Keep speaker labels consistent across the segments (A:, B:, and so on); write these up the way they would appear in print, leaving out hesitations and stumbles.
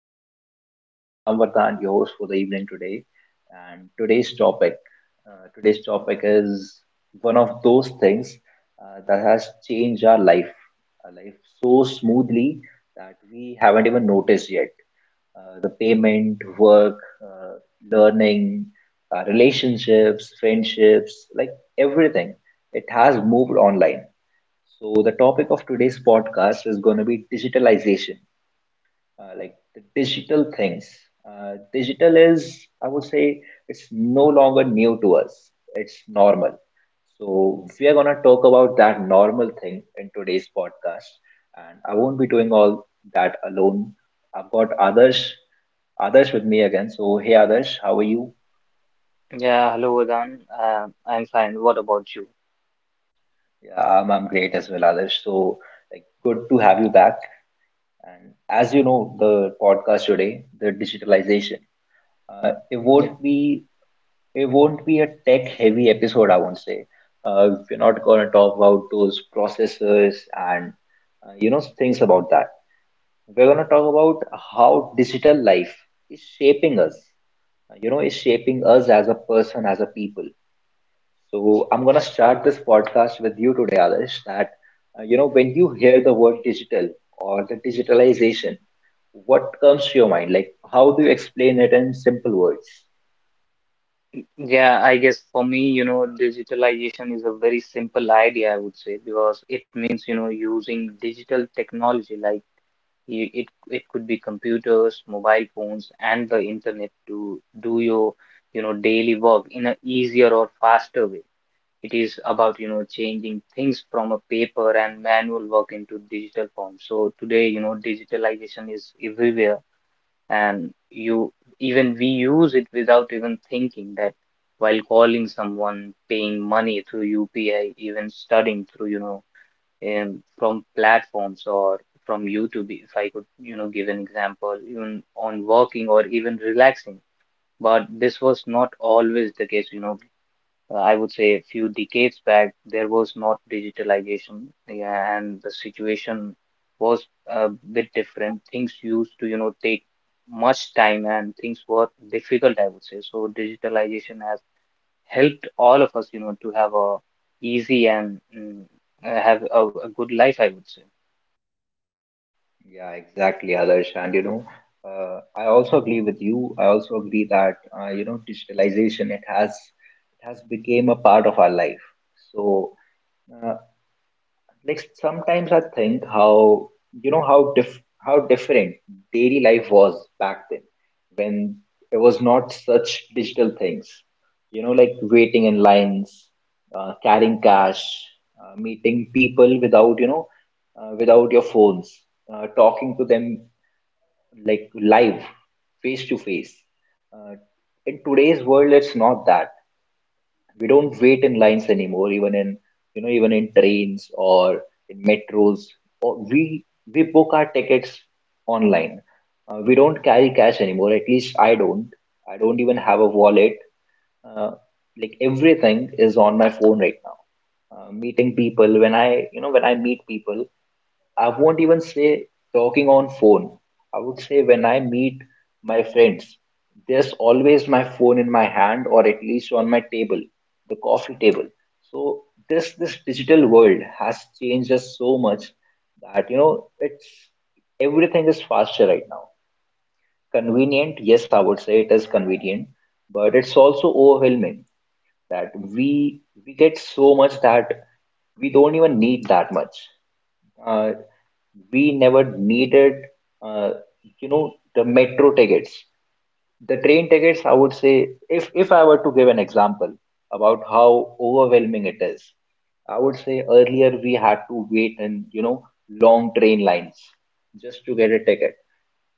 A: to the podcast. I'm Vardhan, your host for the evening today. And today's topic is one of those things that has changed our life so smoothly that we haven't even noticed yet. The payment, work, uh, learning, relationships, friendships, like everything, it has moved online. So, the topic of today's podcast is going to be digitalization, like the digital things. Digital is, I would say, it's no longer new to us, it's normal. So, we are going to talk about that normal thing in today's podcast. And I won't be doing all that alone. I've got others with me again. So, hey, others, how are you?
B: Yeah, hello Vedan. I'm fine. What about you?
A: Yeah, I'm great as well, others. So, like, good to have you back. And as you know, the podcast today, the digitalization, uh, it
B: Yeah.
A: won't be it won't be a tech-heavy episode, I won't say. We're not going to talk about those processors and things about that. We're going to talk about how digital life is shaping us. Is shaping us as a person, as a people. So I'm gonna start this podcast with you today, Adarsh.
B: Mm.
A: When you hear the word digital or the digitalization, what comes to your mind? Like, how do you explain it in simple words?
B: Yeah, I guess for me, digitalization is a very simple idea, I would say, because it means, using digital technology like it could be computers, mobile phones, and the internet to do your daily work in a easier or faster way. It is about, changing things from a paper and manual work into digital form. So today, digitalization is everywhere, and you even we use it without even thinking that while calling someone, paying money through UPI, even studying through, from platforms or from YouTube, if I could, give an example, even on working or even relaxing. But this was not always the case, I would say a few decades back, there was not digitalization, yeah, and the situation was a bit different. Things used to, take much time, and things were difficult, I would say. So digitalization has helped all of us, to have a easy and have a good life, I would say.
A: Yeah, exactly, Adarsh. And, I also agree with you. I also agree that digitalization, it has become a part of our life. So. uh, like sometimes I think how you know how diff how different daily life was back then when there was not such digital things. Like waiting in lines, carrying cash, meeting people without your phones, talking to them like live, face to face. Uh, In today's world, it's not that we don't wait in lines anymore, even in, even in trains or in metros, or we book our tickets online. We don't carry cash anymore, at least I don't even have a wallet. uh, Everything is on my phone right now. Meeting people, when I meet people, I won't even say talking on phone. I would say when I meet my friends, there's always my phone in my hand or at least on my table, the coffee table. So this digital world has changed us so much that, you know it's everything is faster right now. Convenient, yes, I would say it is convenient, but it's also overwhelming, that we get so much that we don't even need that much. uh, we never needed, uh, the metro tickets, the train tickets. I would say, if I were to give an example about how overwhelming it is, I would say earlier we had to wait in, long train lines just to get a ticket.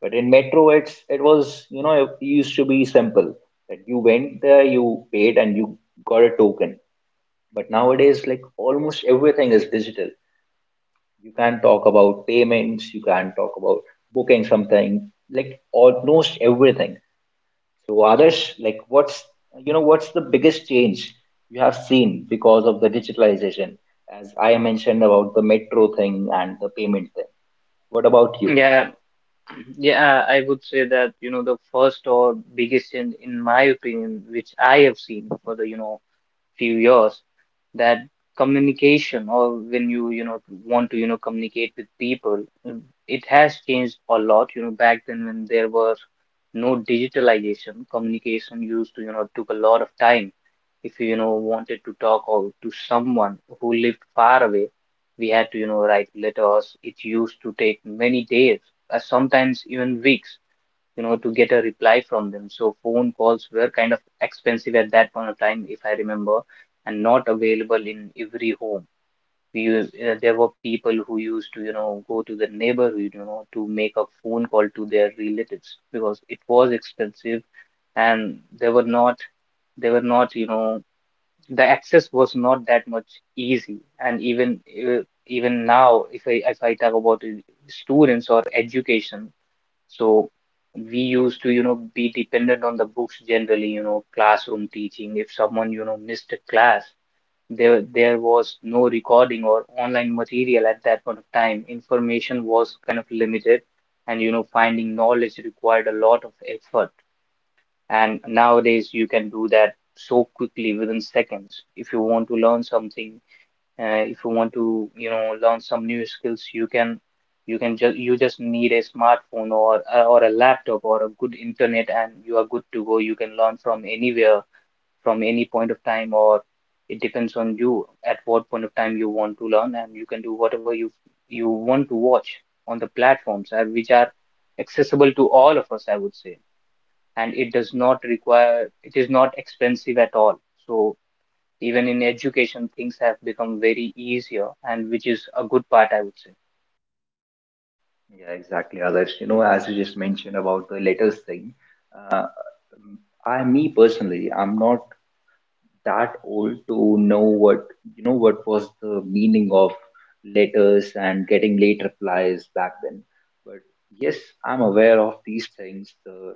A: But in metro, it was, it used to be simple, that you went there, you paid, and you got a token. But nowadays, like almost everything is digital. You can talk about payments, you can talk about booking something, like almost everything. So, others, like, what's the biggest change you have seen because of the digitalization? As I mentioned about the metro thing and the payment thing, what about you?
B: Yeah, yeah, I would say that, the first or biggest change, in my opinion, which I have seen for the few years, that communication, or when you know want to communicate with people, it has changed a lot. You know, back then, when there was no digitalization, communication used to, took a lot of time. If you you know wanted to talk or to someone who lived far away, we had to, write letters. It used to take many days, sometimes even weeks, to get a reply from them. So phone calls were kind of expensive at that point of time, if I remember, and not available in every home. There were people who used to, go to the neighborhood, to make a phone call to their relatives, because it was expensive, and they were not, they were not, you know, the access was not that much easy. And even now, if I talk about students or education, so we used to, be dependent on the books, generally, classroom teaching. If someone, missed a class, there was no recording or online material at that point of time. Information was kind of limited, and finding knowledge required a lot of effort. And nowadays, you can do that so quickly, within seconds. If you want to learn something, if you want to learn some new skills, you can, you can just you just need a smartphone or a laptop or a good internet, and you are good to go. You can learn from anywhere, from any point of time, or it depends on you at what point of time you want to learn, and you can do whatever you want to watch on the platforms, which are accessible to all of us, I would say, and it does
A: yeah
B: not require, it is not expensive at all. So even in education, things have become very easier, and which is a good part, I would say.
A: yeah exactly, others. As you just mentioned about the letters thing, uh, I me personally, I'm not that old to know what you know what was the meaning of letters and getting late replies back then. But yes, I'm aware of these things, the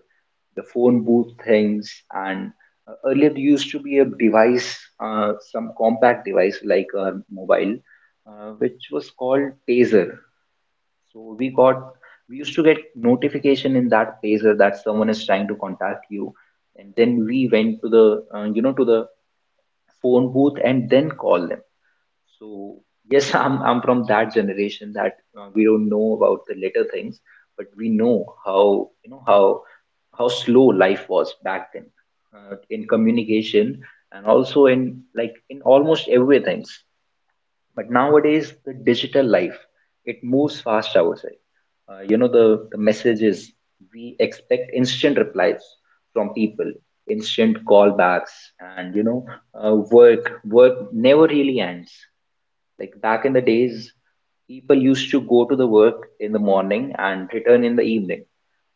A: the phone booth things, and earlier there used to be a device, some compact device like a mobile, which was called taser. So we used to get notification in that taser that someone is trying to contact you, and then we went to the, to the phone booth and then call them. So yes, I'm from that generation that, we don't know about the later things, but we know how you know how slow life was back then, in communication and also in, like, in almost everything. But nowadays the digital life, it moves fast, I would say. The messages, we expect instant replies from people, instant callbacks. And, work never really ends. Like back in the days, people used to go to the work in the morning and return in the evening,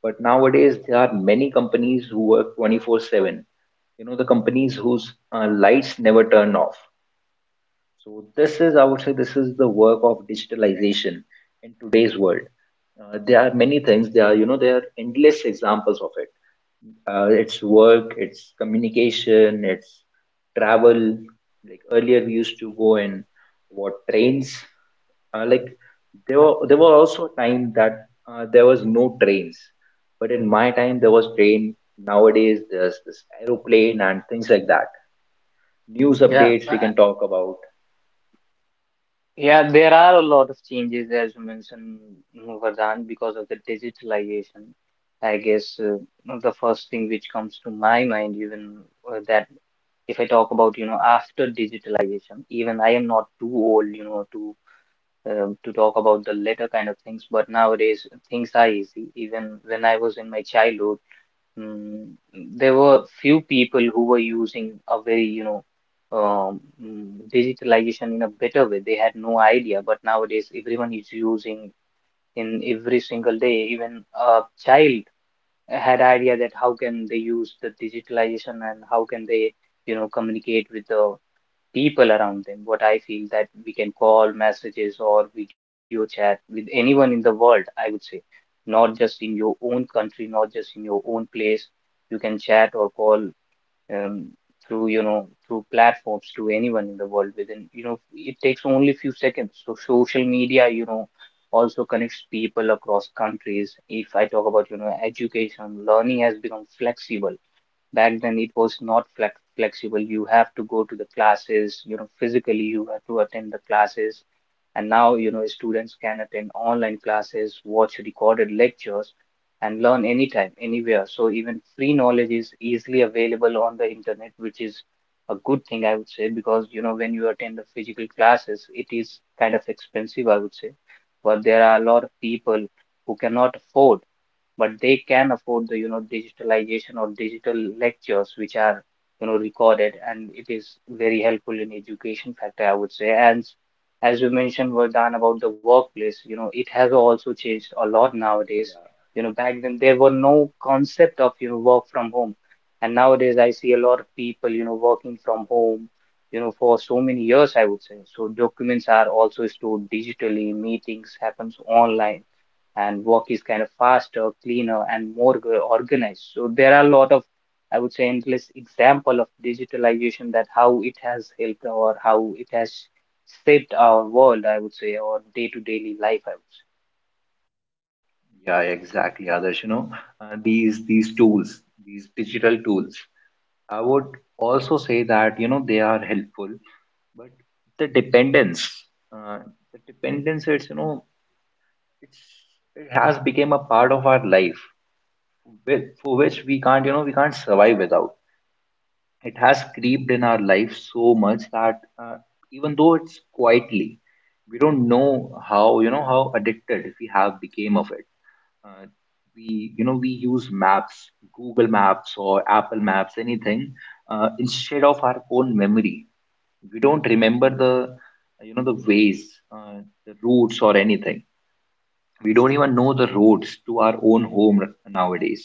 A: but nowadays there are many companies who work 24/7, the companies whose lights never turn off. So this is, I would say, this is the work of digitalization in today's world. There are many things. There are endless examples of it. It's work, it's communication, it's travel. Like earlier, we used to go in what, trains. Uh, like there were also a time that, there was no trains, but in my time there was train. Nowadays, there's this aeroplane and things like that. News
B: Yeah,
A: updates we can talk about.
B: yeah, there are a lot of changes, as you mentioned, Vardhan, because of the digitalization. I guess, the first thing which comes to my mind, even that if I talk about, after digitalization, even I am not too old, to talk about the later kind of things, but nowadays things are easy. Even when I was in my childhood Mm, there were few people who were using a very, digitalization in a better way. They had no idea, but nowadays everyone is using in every single day. Even a child had idea that how can they use the digitalization, and how can they, communicate with the people around them. What I feel, that we can call, messages, or video chat with anyone in the world, I would say, not just in your own country, not just in your own place. You can chat or call, um, through platforms, to anyone in the world, within, it takes only few seconds. So social media, also connects people across countries. If I talk about, education, learning has become flexible. Back then, it was not flexible. You have to go to the classes, physically, you have to attend the classes. And now, students can attend online classes, watch recorded lectures, and learn anytime, anywhere. So even free knowledge is easily available on the internet, which is a good thing, I would say, because, when you attend the physical classes, it is kind of expensive, I would say. But there are a lot of people who cannot afford, but they can afford the digitalization, or digital lectures which are, recorded, and it is very helpful in education factor, I would say. And as you mentioned, Vardhan, about the workplace, it has also changed a lot
A: Yeah.
B: nowadays. Back then, there were no concept of work from home, and nowadays I see a lot of people working from home, for so many years, I would say. So documents are also stored digitally, meetings happens online, and work is kind of faster, cleaner, and more organized. So there are a lot of, I would say, endless example of digitalization, that how it has helped or how it has shaped our world, I would say, or day to daily life, I would
A: Yeah, exactly, Adarsh. You know, these tools, these digital tools, I would also say that, they are helpful, but the dependence, uh, it's you know, it's it has become a part of our life, for which we can't, we can't survive without. It has creeped in our life so much that, even though it's quietly, we don't know how you know how addicted we have become of it. Uh, we you know we use maps, Google Maps or Apple Maps, anything, instead of our own memory. We don't remember the you know the ways, uh, the routes or anything. We don't even know the roads to our own home nowadays.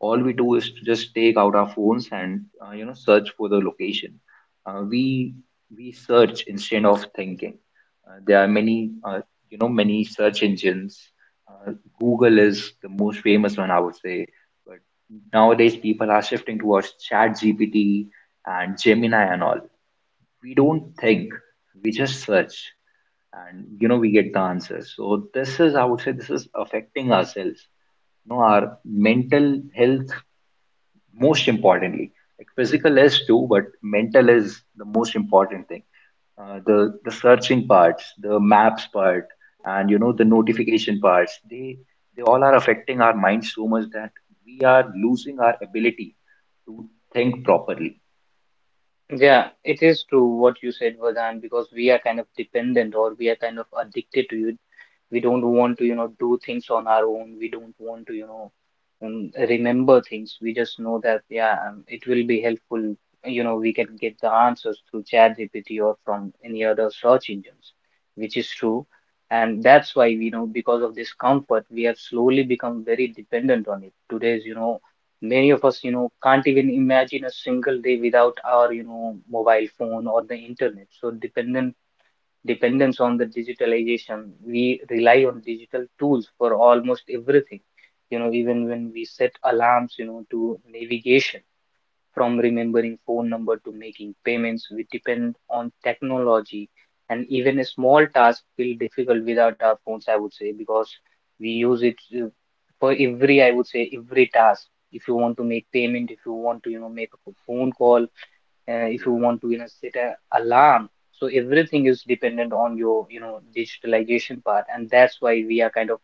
A: All we do is to just take out our phones and, search for the location. Uh, we we search instead of thinking. There are many, search engines. Uh, google is the most famous one, I would say. But nowadays people are shifting towards chat gpt and Gemini and all. We don't think, we just search, and, we get the answers. So this is, I would say, this is affecting ourselves, our mental health, most importantly. Like physical is too, but mental is the most important thing. The searching parts, the maps part, and, the notification parts, they all are affecting our mind so much that we are losing our ability to think properly.
B: say. Yeah, it is true what you said, Vadan, because we are kind of dependent, or we are kind of addicted to it. We don't want to, do things on our own. We don't want to, remember things. We just know that, yeah, it will be helpful. You know, we can get the answers through ChatGPT or from any other search engines, which is true. And that's why, because of this comfort, we have slowly become very dependent on it. Today's, many of us can't even imagine a single day without our mobile phone or the internet. So dependent dependence on the digitalization. We rely on digital tools for almost everything. Even when we set alarms, to navigation, from remembering phone number to making payments, we depend on technology. And even a small task feel difficult without our phones, I would say, because we use it, uh, for every, I would say, every task. If you want to make payment, if you want to, make a phone call, if you
A: Yeah.
B: want to, set an alarm. So everything is dependent on your, digitalization part, and that's why we are kind of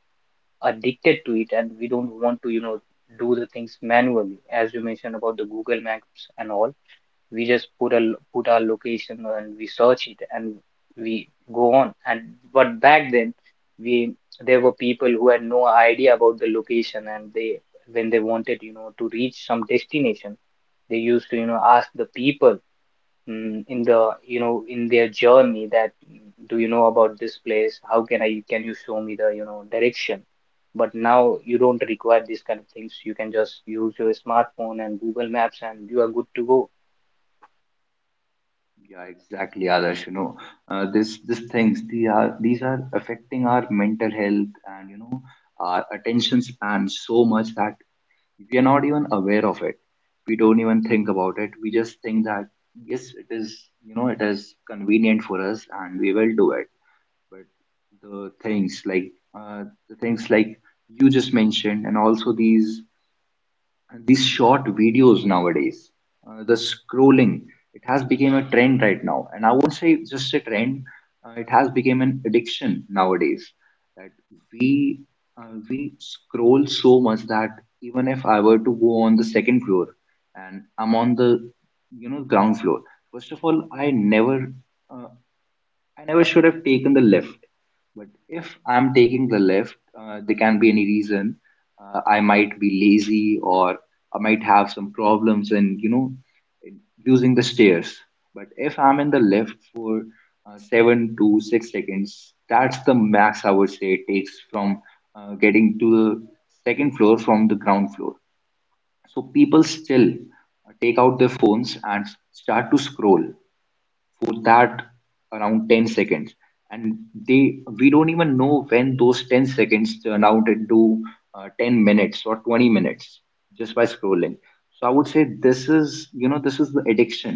B: addicted to it, and we don't want to, do the things manually, as you mentioned about the google maps and all. We just put a put our location, and we search it, and we go on. And but back then, we there were people who had no idea about the location, and they, when they wanted, to reach some destination, they used to, ask the people, in the, you know, in their journey, that "Mm, do you know about this place, how can I, can you show me the, direction?" But now you don't require these kind of things, you can just use your smartphone and google maps, and you are good to go.
A: Yeah, exactly, Adarsh. You know, this these things they are these are affecting our mental health and, our attention span so much that we are not even aware of it. We don't even think about it. We just think that yes, it is convenient for us and we will do it. But the things like you just mentioned, and also these short videos nowadays, the scrolling, it has become a trend right now. And I won't say just a trend, it has become an addiction nowadays, that we we scroll so much that even if I were to go on the second floor and I'm on the, ground floor, first of all, uh, I never should have taken the lift. But if I'm taking the lift, there can be any reason. I might be lazy or I might have some problems in using the stairs. But if I'm in the lift for, 7 to 6 seconds, that's the max, I would say it takes from, getting to the second floor from the ground floor. So people still, take out their phones and start to scroll for that around 10 seconds, and they we don't even know when those 10 seconds turn out into, 10 minutes or 20 minutes just by scrolling. So I would say this is, this is the addiction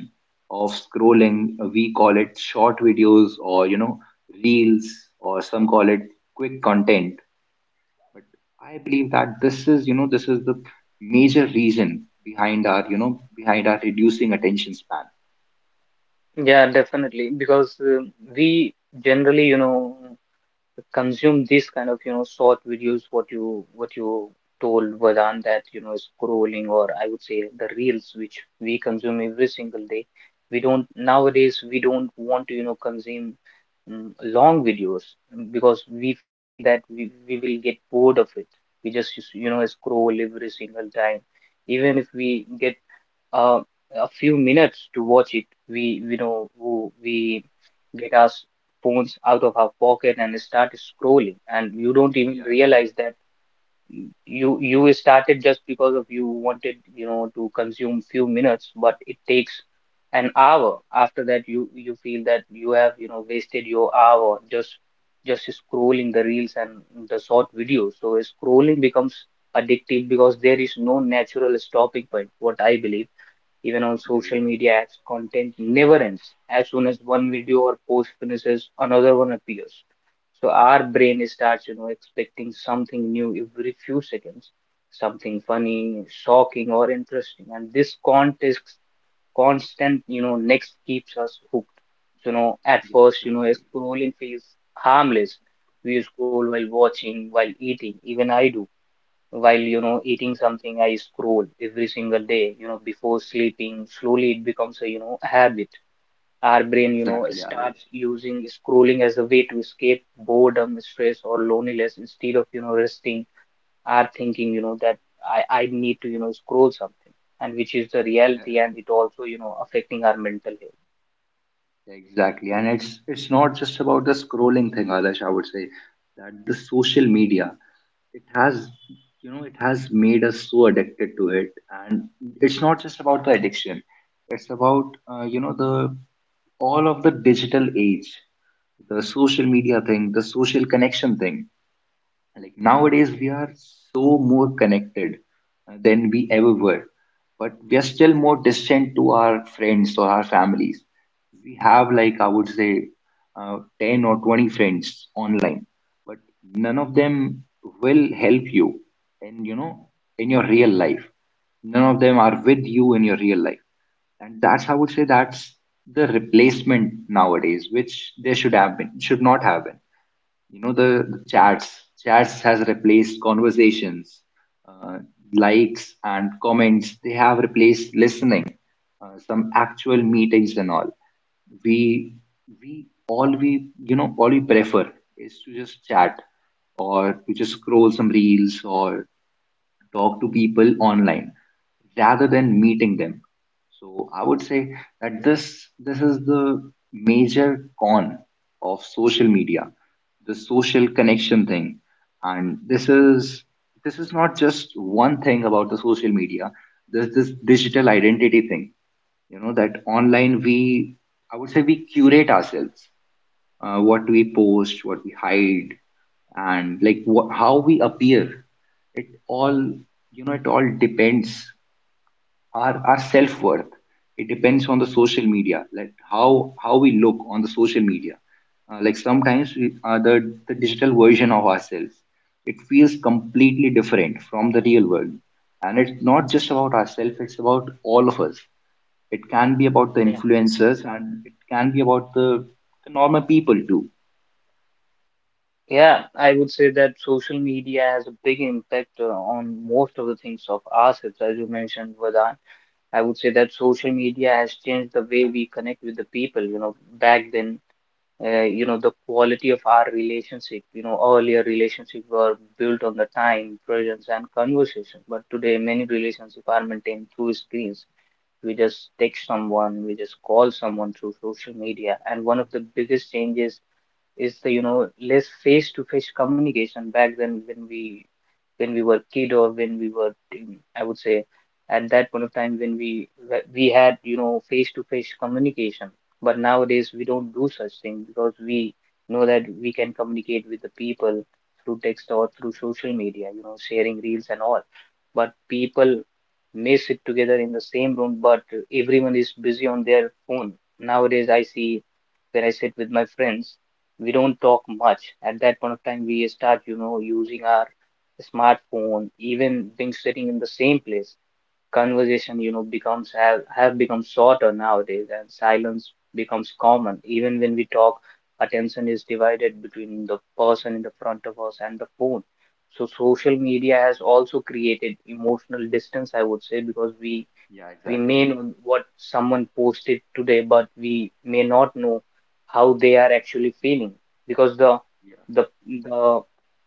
A: of scrolling. We call it short videos or, reels, or some call it quick content, but I believe that this is the major reason behind our you know behind our reducing attention span.
B: Yeah, definitely, because we generally, consume these kind of, short videos, what you told Vedant, that scrolling, or I would say the reels, which we consume every single day. We don't, nowadays we don't want to, consume, long videos, because we feel that we will get bored of it. We just, scroll every single time, even if we get, uh, a few minutes to watch it. We know, who we get our phones out of our pocket and start scrolling, and you don't even
A: Yeah,
B: realize that you started just because of you wanted, to consume few minutes, but it takes an hour. After that, you feel that you have, wasted your hour, just scrolling the reels and the short videos. So scrolling becomes addictive, because there is no natural stopping point, what I believe. Even on
A: yeah,
B: social
A: exactly.
B: media apps, content never ends. As soon as one video or post finishes, another one appears. So our brain starts, expecting something new every few seconds, something funny, shocking, or interesting. And this context, constant, next keeps us hooked. So, at
A: Yeah,
B: first,
A: exactly.
B: scrolling feels harmless. We scroll while watching, while eating. Even I do while eating something. I scroll every single day, before sleeping. Slowly it becomes a, habit. Our
A: Yeah,
B: brain,
A: exactly, Alish.
B: starts using scrolling as a way to escape boredom, stress, or loneliness instead of, resting. Our thinking, that I need to, scroll something, and which is the
A: Yeah,
B: reality. And it also, affecting our mental health.
A: yeah, exactly. And it's not just about the scrolling thing, Alish, I would say that the social media, it has, it has made us so addicted to it. And it's not just about the addiction. It's about, you know, the all of the digital age, the social media thing, the social connection thing. Like nowadays we are so more connected than we ever were, but we are still more distant to our friends or our families. We have, like, I would say 10 or 20 friends online, but none of them will help you in in your real life. None of them are with you in your real life. And that's, I would say, that's the replacement nowadays, which there should have been should not have been. The chats has replaced conversations. uh, Likes and comments, they have replaced listening, some actual meetings and all. We we all we you know all we prefer is to just chat or to just scroll some reels or talk to people online rather than meeting them. So I would say that this is the major con of social media, the social connection thing. And this is not just one thing about the social media. There's this digital identity thing. You know, that online we, I would say, we curate ourselves, what we post, what we hide, and like what, how we appear. It all, you know, it all depends, our self worth. It depends on the social media, like how we look on the social media. Like sometimes we, the digital version of ourselves, it feels completely different from the real world. And it's not just about ourselves. It's about all of us. It can be about the
B: Yeah,
A: influencers, and it can be about the normal people too.
B: yeah, I would say that social media has a big impact on most of the things of ourselves, as you mentioned, Vedant. I would say that social media has changed the way we connect with the people. Back then, the quality of our relationship, earlier relationships were built on the time, presence, and conversation. But today, many relationships are maintained through screens. We just text someone, we just call someone through social media. And one of the biggest changes is the, less face-to-face communication. Back then when we, when we were kid, or when we were in- I would say, at that point of time when we we had, face to face communication. But nowadays we don't do such thing, because we know that we can communicate with the people through text or through social media, sharing reels and all. But people may sit together in the same room, but everyone is busy on their phone. Nowadays I see, when I sit with my friends, we don't talk much. At that point of time we start, using our smartphone, even being sitting in the same place. Conversation, have become shorter nowadays, and silence becomes common. Even when we talk, attention is divided between the person in the front of us and the phone. So social media has also created emotional distance, I would say, because we
A: Yeah,
B: we may
A: exactly.
B: know what someone posted today, but we may not know how they are actually feeling, because
A: Yeah,
B: the the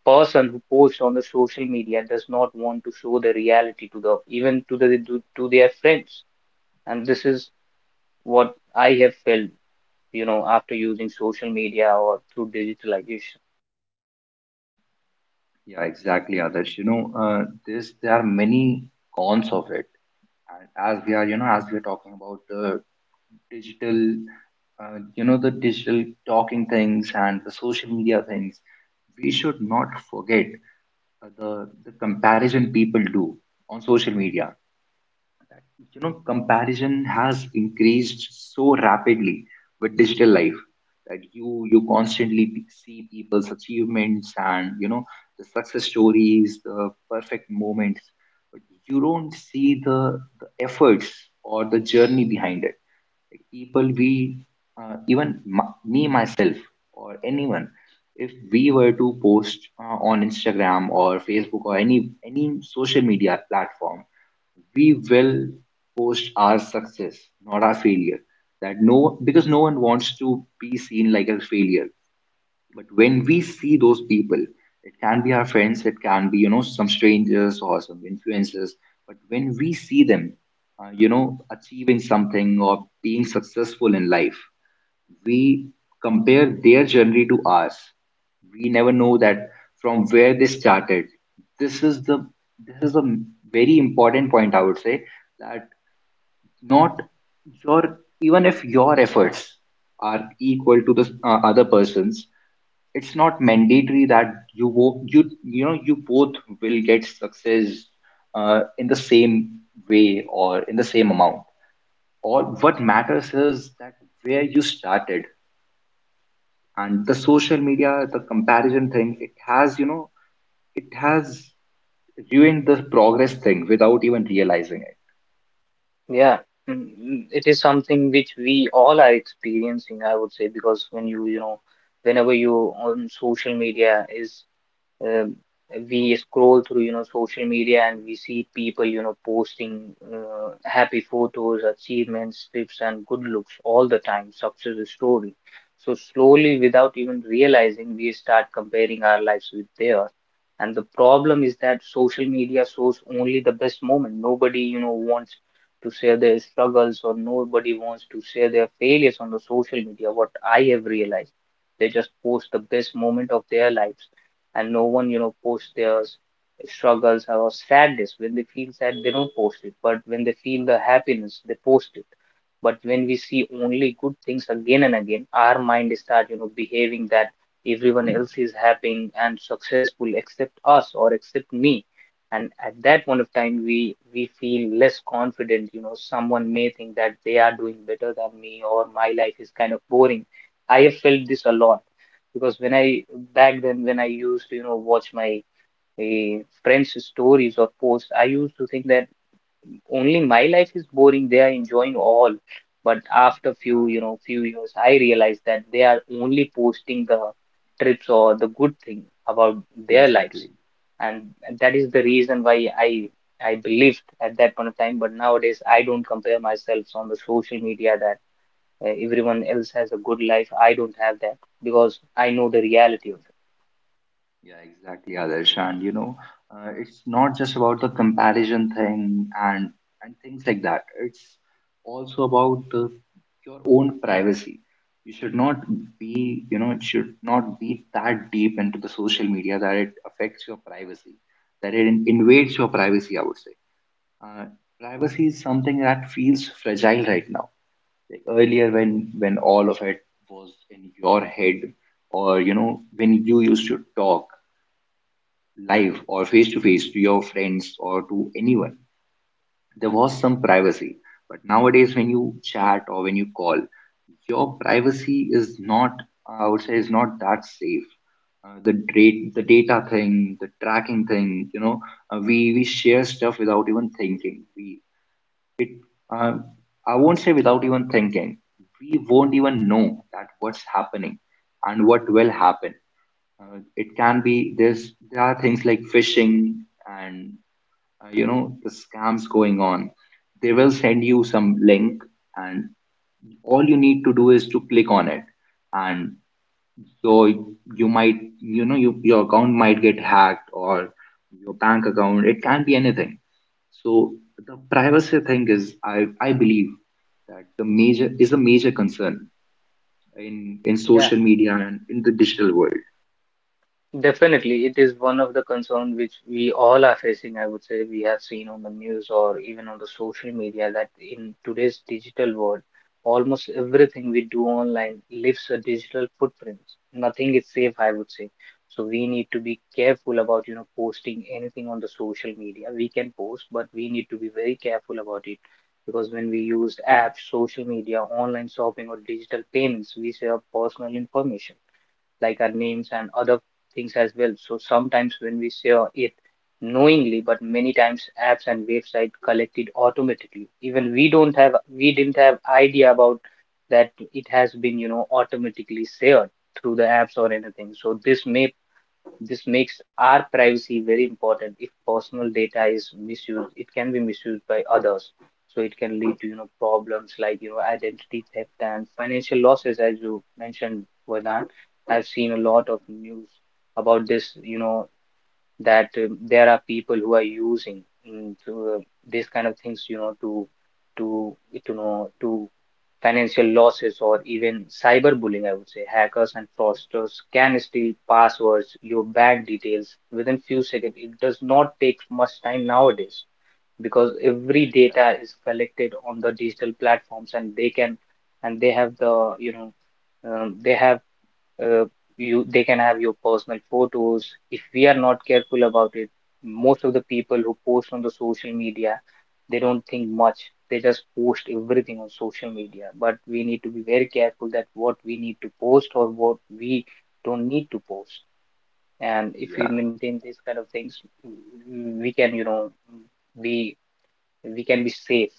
B: person who posts on the social media does not want to show the reality to the even to the to their friends. And this is what I have felt, after using social media or through digitalization.
A: yeah, exactly, Adarsh. You know, this there are many cons of it. And as we are, you know, as we are talking about the digital, you know, the digital talking things and the social media things, we should not forget the comparison people do on social media. You know, comparison has increased so rapidly with digital life, that you constantly see people's achievements, and you know, the success stories, the perfect moments, but you don't see the efforts or the journey behind it. Like people we, even me myself or anyone, if we were to post on Instagram or Facebook or any social media platform, we will post our success, not our failure. That no, because no one wants to be seen like a failure. But when we see those people, it can be our friends, it can be, you know, some strangers or some influencers. But when we see them, you know, achieving something or being successful in life, we compare their journey to ours. We never know that from where they started. This is the this is a very important point I would say, that not your, even if your efforts are equal to the other person's, it's not mandatory that you, you know, you both will get success in the same way or in the same amount. All what matters is that where you started. And the social media, the comparison thing, it has, you know, it has ruined the progress thing without even realizing it.
B: Yeah. Mm, mm, it is something which we all are experiencing, I would say, because when you know whenever you on social media is, um, we scroll through, social media, and we see people, posting happy photos, achievements, tips, and good looks all the time, success story. So slowly, without even realizing, we start comparing our lives with theirs. And the problem is that social media shows only the best moment. Nobody, wants to share their struggles, or nobody wants to share their failures on the social media, what I have realized. They just post the best moment of their lives. And no one, posts their struggles or sadness. When they feel sad they don't post it, but when they feel the happiness they post it. But when we see only good things again and again, our mind start, behaving that everyone else is happy and successful except us, or except me. And at that point of time we feel less confident. You know, someone may think that they are doing better than me, or my life is kind of boring. I have felt this a lot. Because when I back then, when I used to, watch my friends' stories or posts, I used to think that only my life is boring. They are enjoying all, but after
A: Yeah.
B: few you know few years, I realized that they are only posting the trips or the good thing about
A: Yeah,
B: their lives,
A: exactly.
B: and that is the reason why I believed at that point of time. But nowadays, I don't compare myself on the social media that, everyone else has a good life. I don't have that, because I know the reality of it.
A: Yeah, exactly, Adarsh. And you know, it's not just about the comparison thing and things like that. It's also about your own privacy. You should not be, you know, it should not be that deep into the social media that it affects your privacy, that it invades your privacy, I would say. Uh, Privacy is something that feels fragile right now. Like earlier, when all of it was in your head, or you know, when you used to talk live or face to face to your friends or to anyone, there was some privacy. But nowadays, when you chat or when you call, your privacy is not, I would say, is not that safe. The date, the data thing, the tracking thing, you know, we share stuff without even thinking. We Um, I won't say without even thinking. We won't even know that what's happening and what will happen. It can be there are things like phishing and you know, the scams going on. They will send you some link, and all you need to do is to click on it, and so you might, you know, your account might get hacked, or your bank account, it can be anything. So the privacy thing is, I believe that the major is a major concern in
B: Yeah.
A: social media and in the digital world.
B: Definitely, it is one of the concerns which we all are facing. I would say we have seen on the news, or even on the social media, that in today's digital world, almost everything we do online leaves a digital footprint. Nothing is safe, I would say. So we need to be careful about, posting anything on the social media. We can post, but we need to be very careful about it, because when we use apps, social media, online shopping, or digital payments, we share personal information like our names and other things as well. So sometimes when we say it knowingly, but many times apps and website collect it automatically. Even we don't have, we didn't have idea about that it has been, automatically shared through the apps or anything. So this may, this makes our privacy very important. If personal data is misused, it can be misused by others. So it can lead to, problems like, identity theft and financial losses, as you mentioned, Vedan. I've seen a lot of news about this, that there are people who are using, to, these kind of things, to to financial losses or even cyberbullying. I would say hackers and fraudsters can steal passwords, your bank details, within few seconds. It does not take much time nowadays, because
A: Yeah,
B: every data
A: exactly.
B: is collected on the digital platforms, and they have the they have uh, you they can have your personal photos, if we are not careful about it. Most of the people who post on the social media, they don't think much. They just post everything on social media, but we need to be very careful that what we need to post, or what we don't need to post. And if we
A: Yeah,
B: maintain these kind of things, we can, be, we can be safe.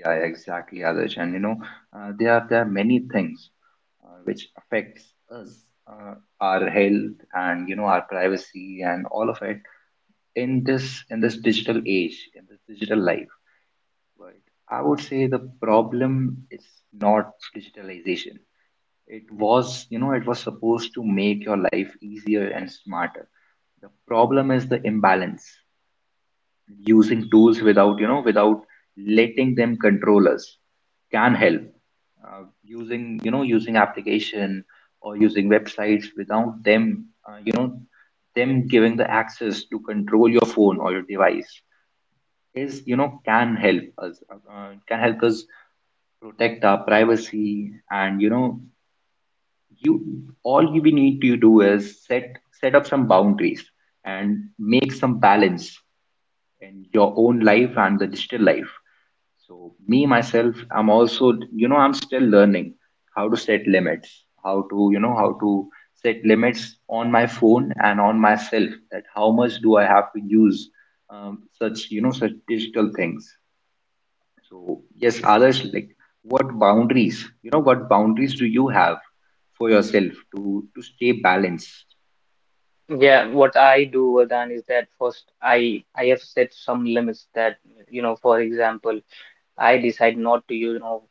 A: yeah, exactly, Adarsh. And you know, there are many things which affects us, uh, our health, and you know, our privacy, and all of it in this digital age, in this digital life. But I would say the problem is not digitalization. It was, you know, it was supposed to make your life easier and smarter. The problem is the imbalance, using tools without, you know, without letting them control us can help. Using, you know, using application or using websites without them, you know, them giving the access to control your phone or your device is, you know, can help us protect our privacy. And you know, you all you we need to do is set up some boundaries and make some balance in your own life and the digital life. So me myself, I'm also, you know, I'm still learning how to set limits, how to, you know, how to set limits on my phone and on myself, that how much do I have to use such, you know, such digital things. So yes, others, like, what boundaries? You know, what boundaries do you have for yourself to stay balanced?
B: Yeah, what I do, Vardhan, is that first I have set some limits, that, for example, I decide not to, use, you know,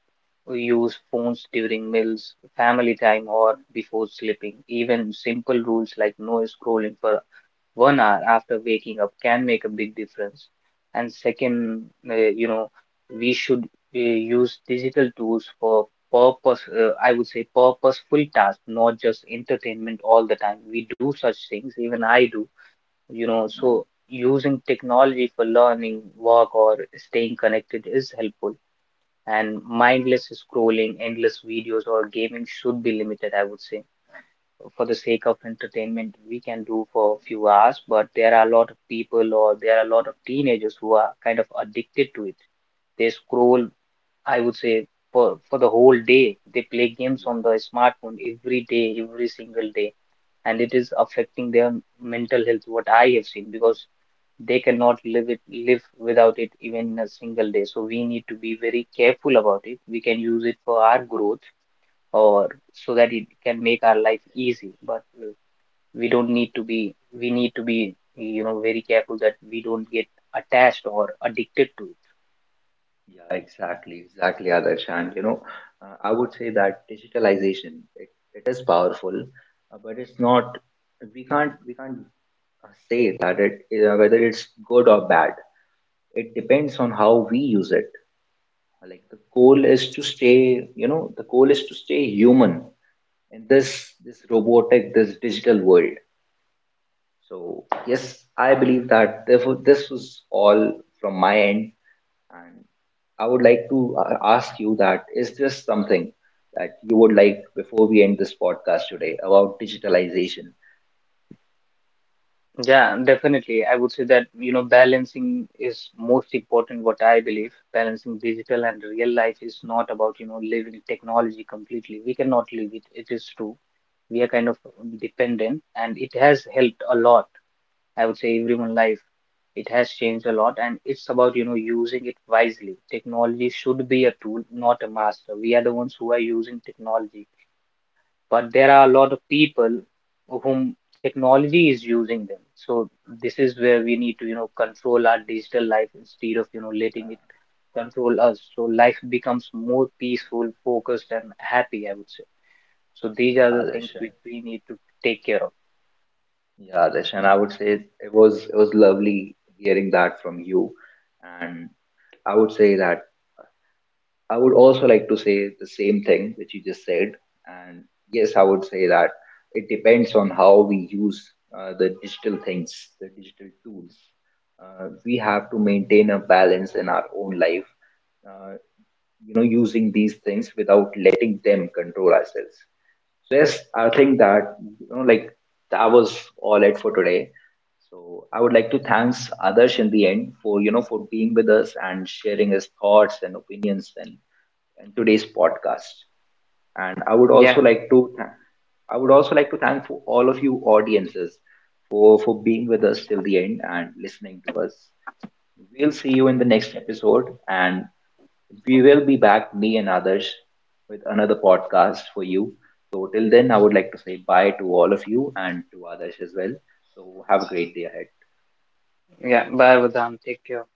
B: use phones during meals, family time, or before sleeping. Even simple rules like no scrolling for 1 hour after waking up can make a big difference. And second, we should, use digital tools for purpose, I would say, purposeful tasks, not just entertainment all the time. We do such things, even I do, so using technology for learning, work, or staying connected is helpful, and mindless scrolling, endless videos, or gaming should be limited, I would say. For the sake of entertainment, we can do for a few hours, but there are a lot of people, or there are a lot of teenagers, who are kind of addicted to it. They scroll, I would say, for the whole day. They play games
A: Yeah,
B: on the smartphone every day, every single day. And it is affecting their mental health, what I have seen, because they cannot live without it, even in a single day. So we need to be very careful about it. We can use it for our growth, or so that it can make our life easy, but, we don't need to be, we need to be, very careful that we don't get attached or addicted to it.
A: yeah, exactly, Adarsh. And you know, I would say that digitalization, it is powerful, but it's not. We can't say that it whether it's good or bad. It depends on how we use it. Like the goal is to stay, you know, the goal is to stay human in this robotic, this digital world. So yes, I believe that, therefore, this was all from my end. And I would like to ask you that is there something that you would like before we end this podcast today about digitalization.
B: Yeah, definitely, I would say that, balancing is most important, what I believe. Balancing digital and real life is not about, living technology completely. We cannot live it, it is true. We are kind of dependent, and it has helped a lot, I would say, everyone life. It has changed a lot, and it's about, using it wisely. Technology should be a tool, not a master. We are the ones who are using technology, but there are a lot of people whom technology is using them. So this is where we need to, control our digital life, instead of, letting
A: Yeah.
B: it control us, so life becomes more peaceful, focused, and happy, I would say. So these are
A: yeah
B: the things
A: darshan
B: which we need to take care of.
A: yeah, Darshan, I would say it was lovely hearing that from you. And I would say that I would also like to say the same thing which you just said. And yes, I would say that it depends on how we use the digital things, the digital tools. We have to maintain a balance in our own life. Uh, you know, using these things without letting them control ourselves. So yes, I think that, you know, like, that was all it for today. So I would like to thanks others in the end for, you know, for being with us and sharing his thoughts and opinions, and today's podcast. And I would also
B: Yeah,
A: like to thank, I would also like to thank for all of you audiences for, being with us till the end and listening to us. We'll see you in the next episode, and we will be back, me and others, with another podcast for you. So, till then, I would like to say bye to all of you and to others as well. So, have a great day ahead.
B: yeah. Bye, Vedant. Take care.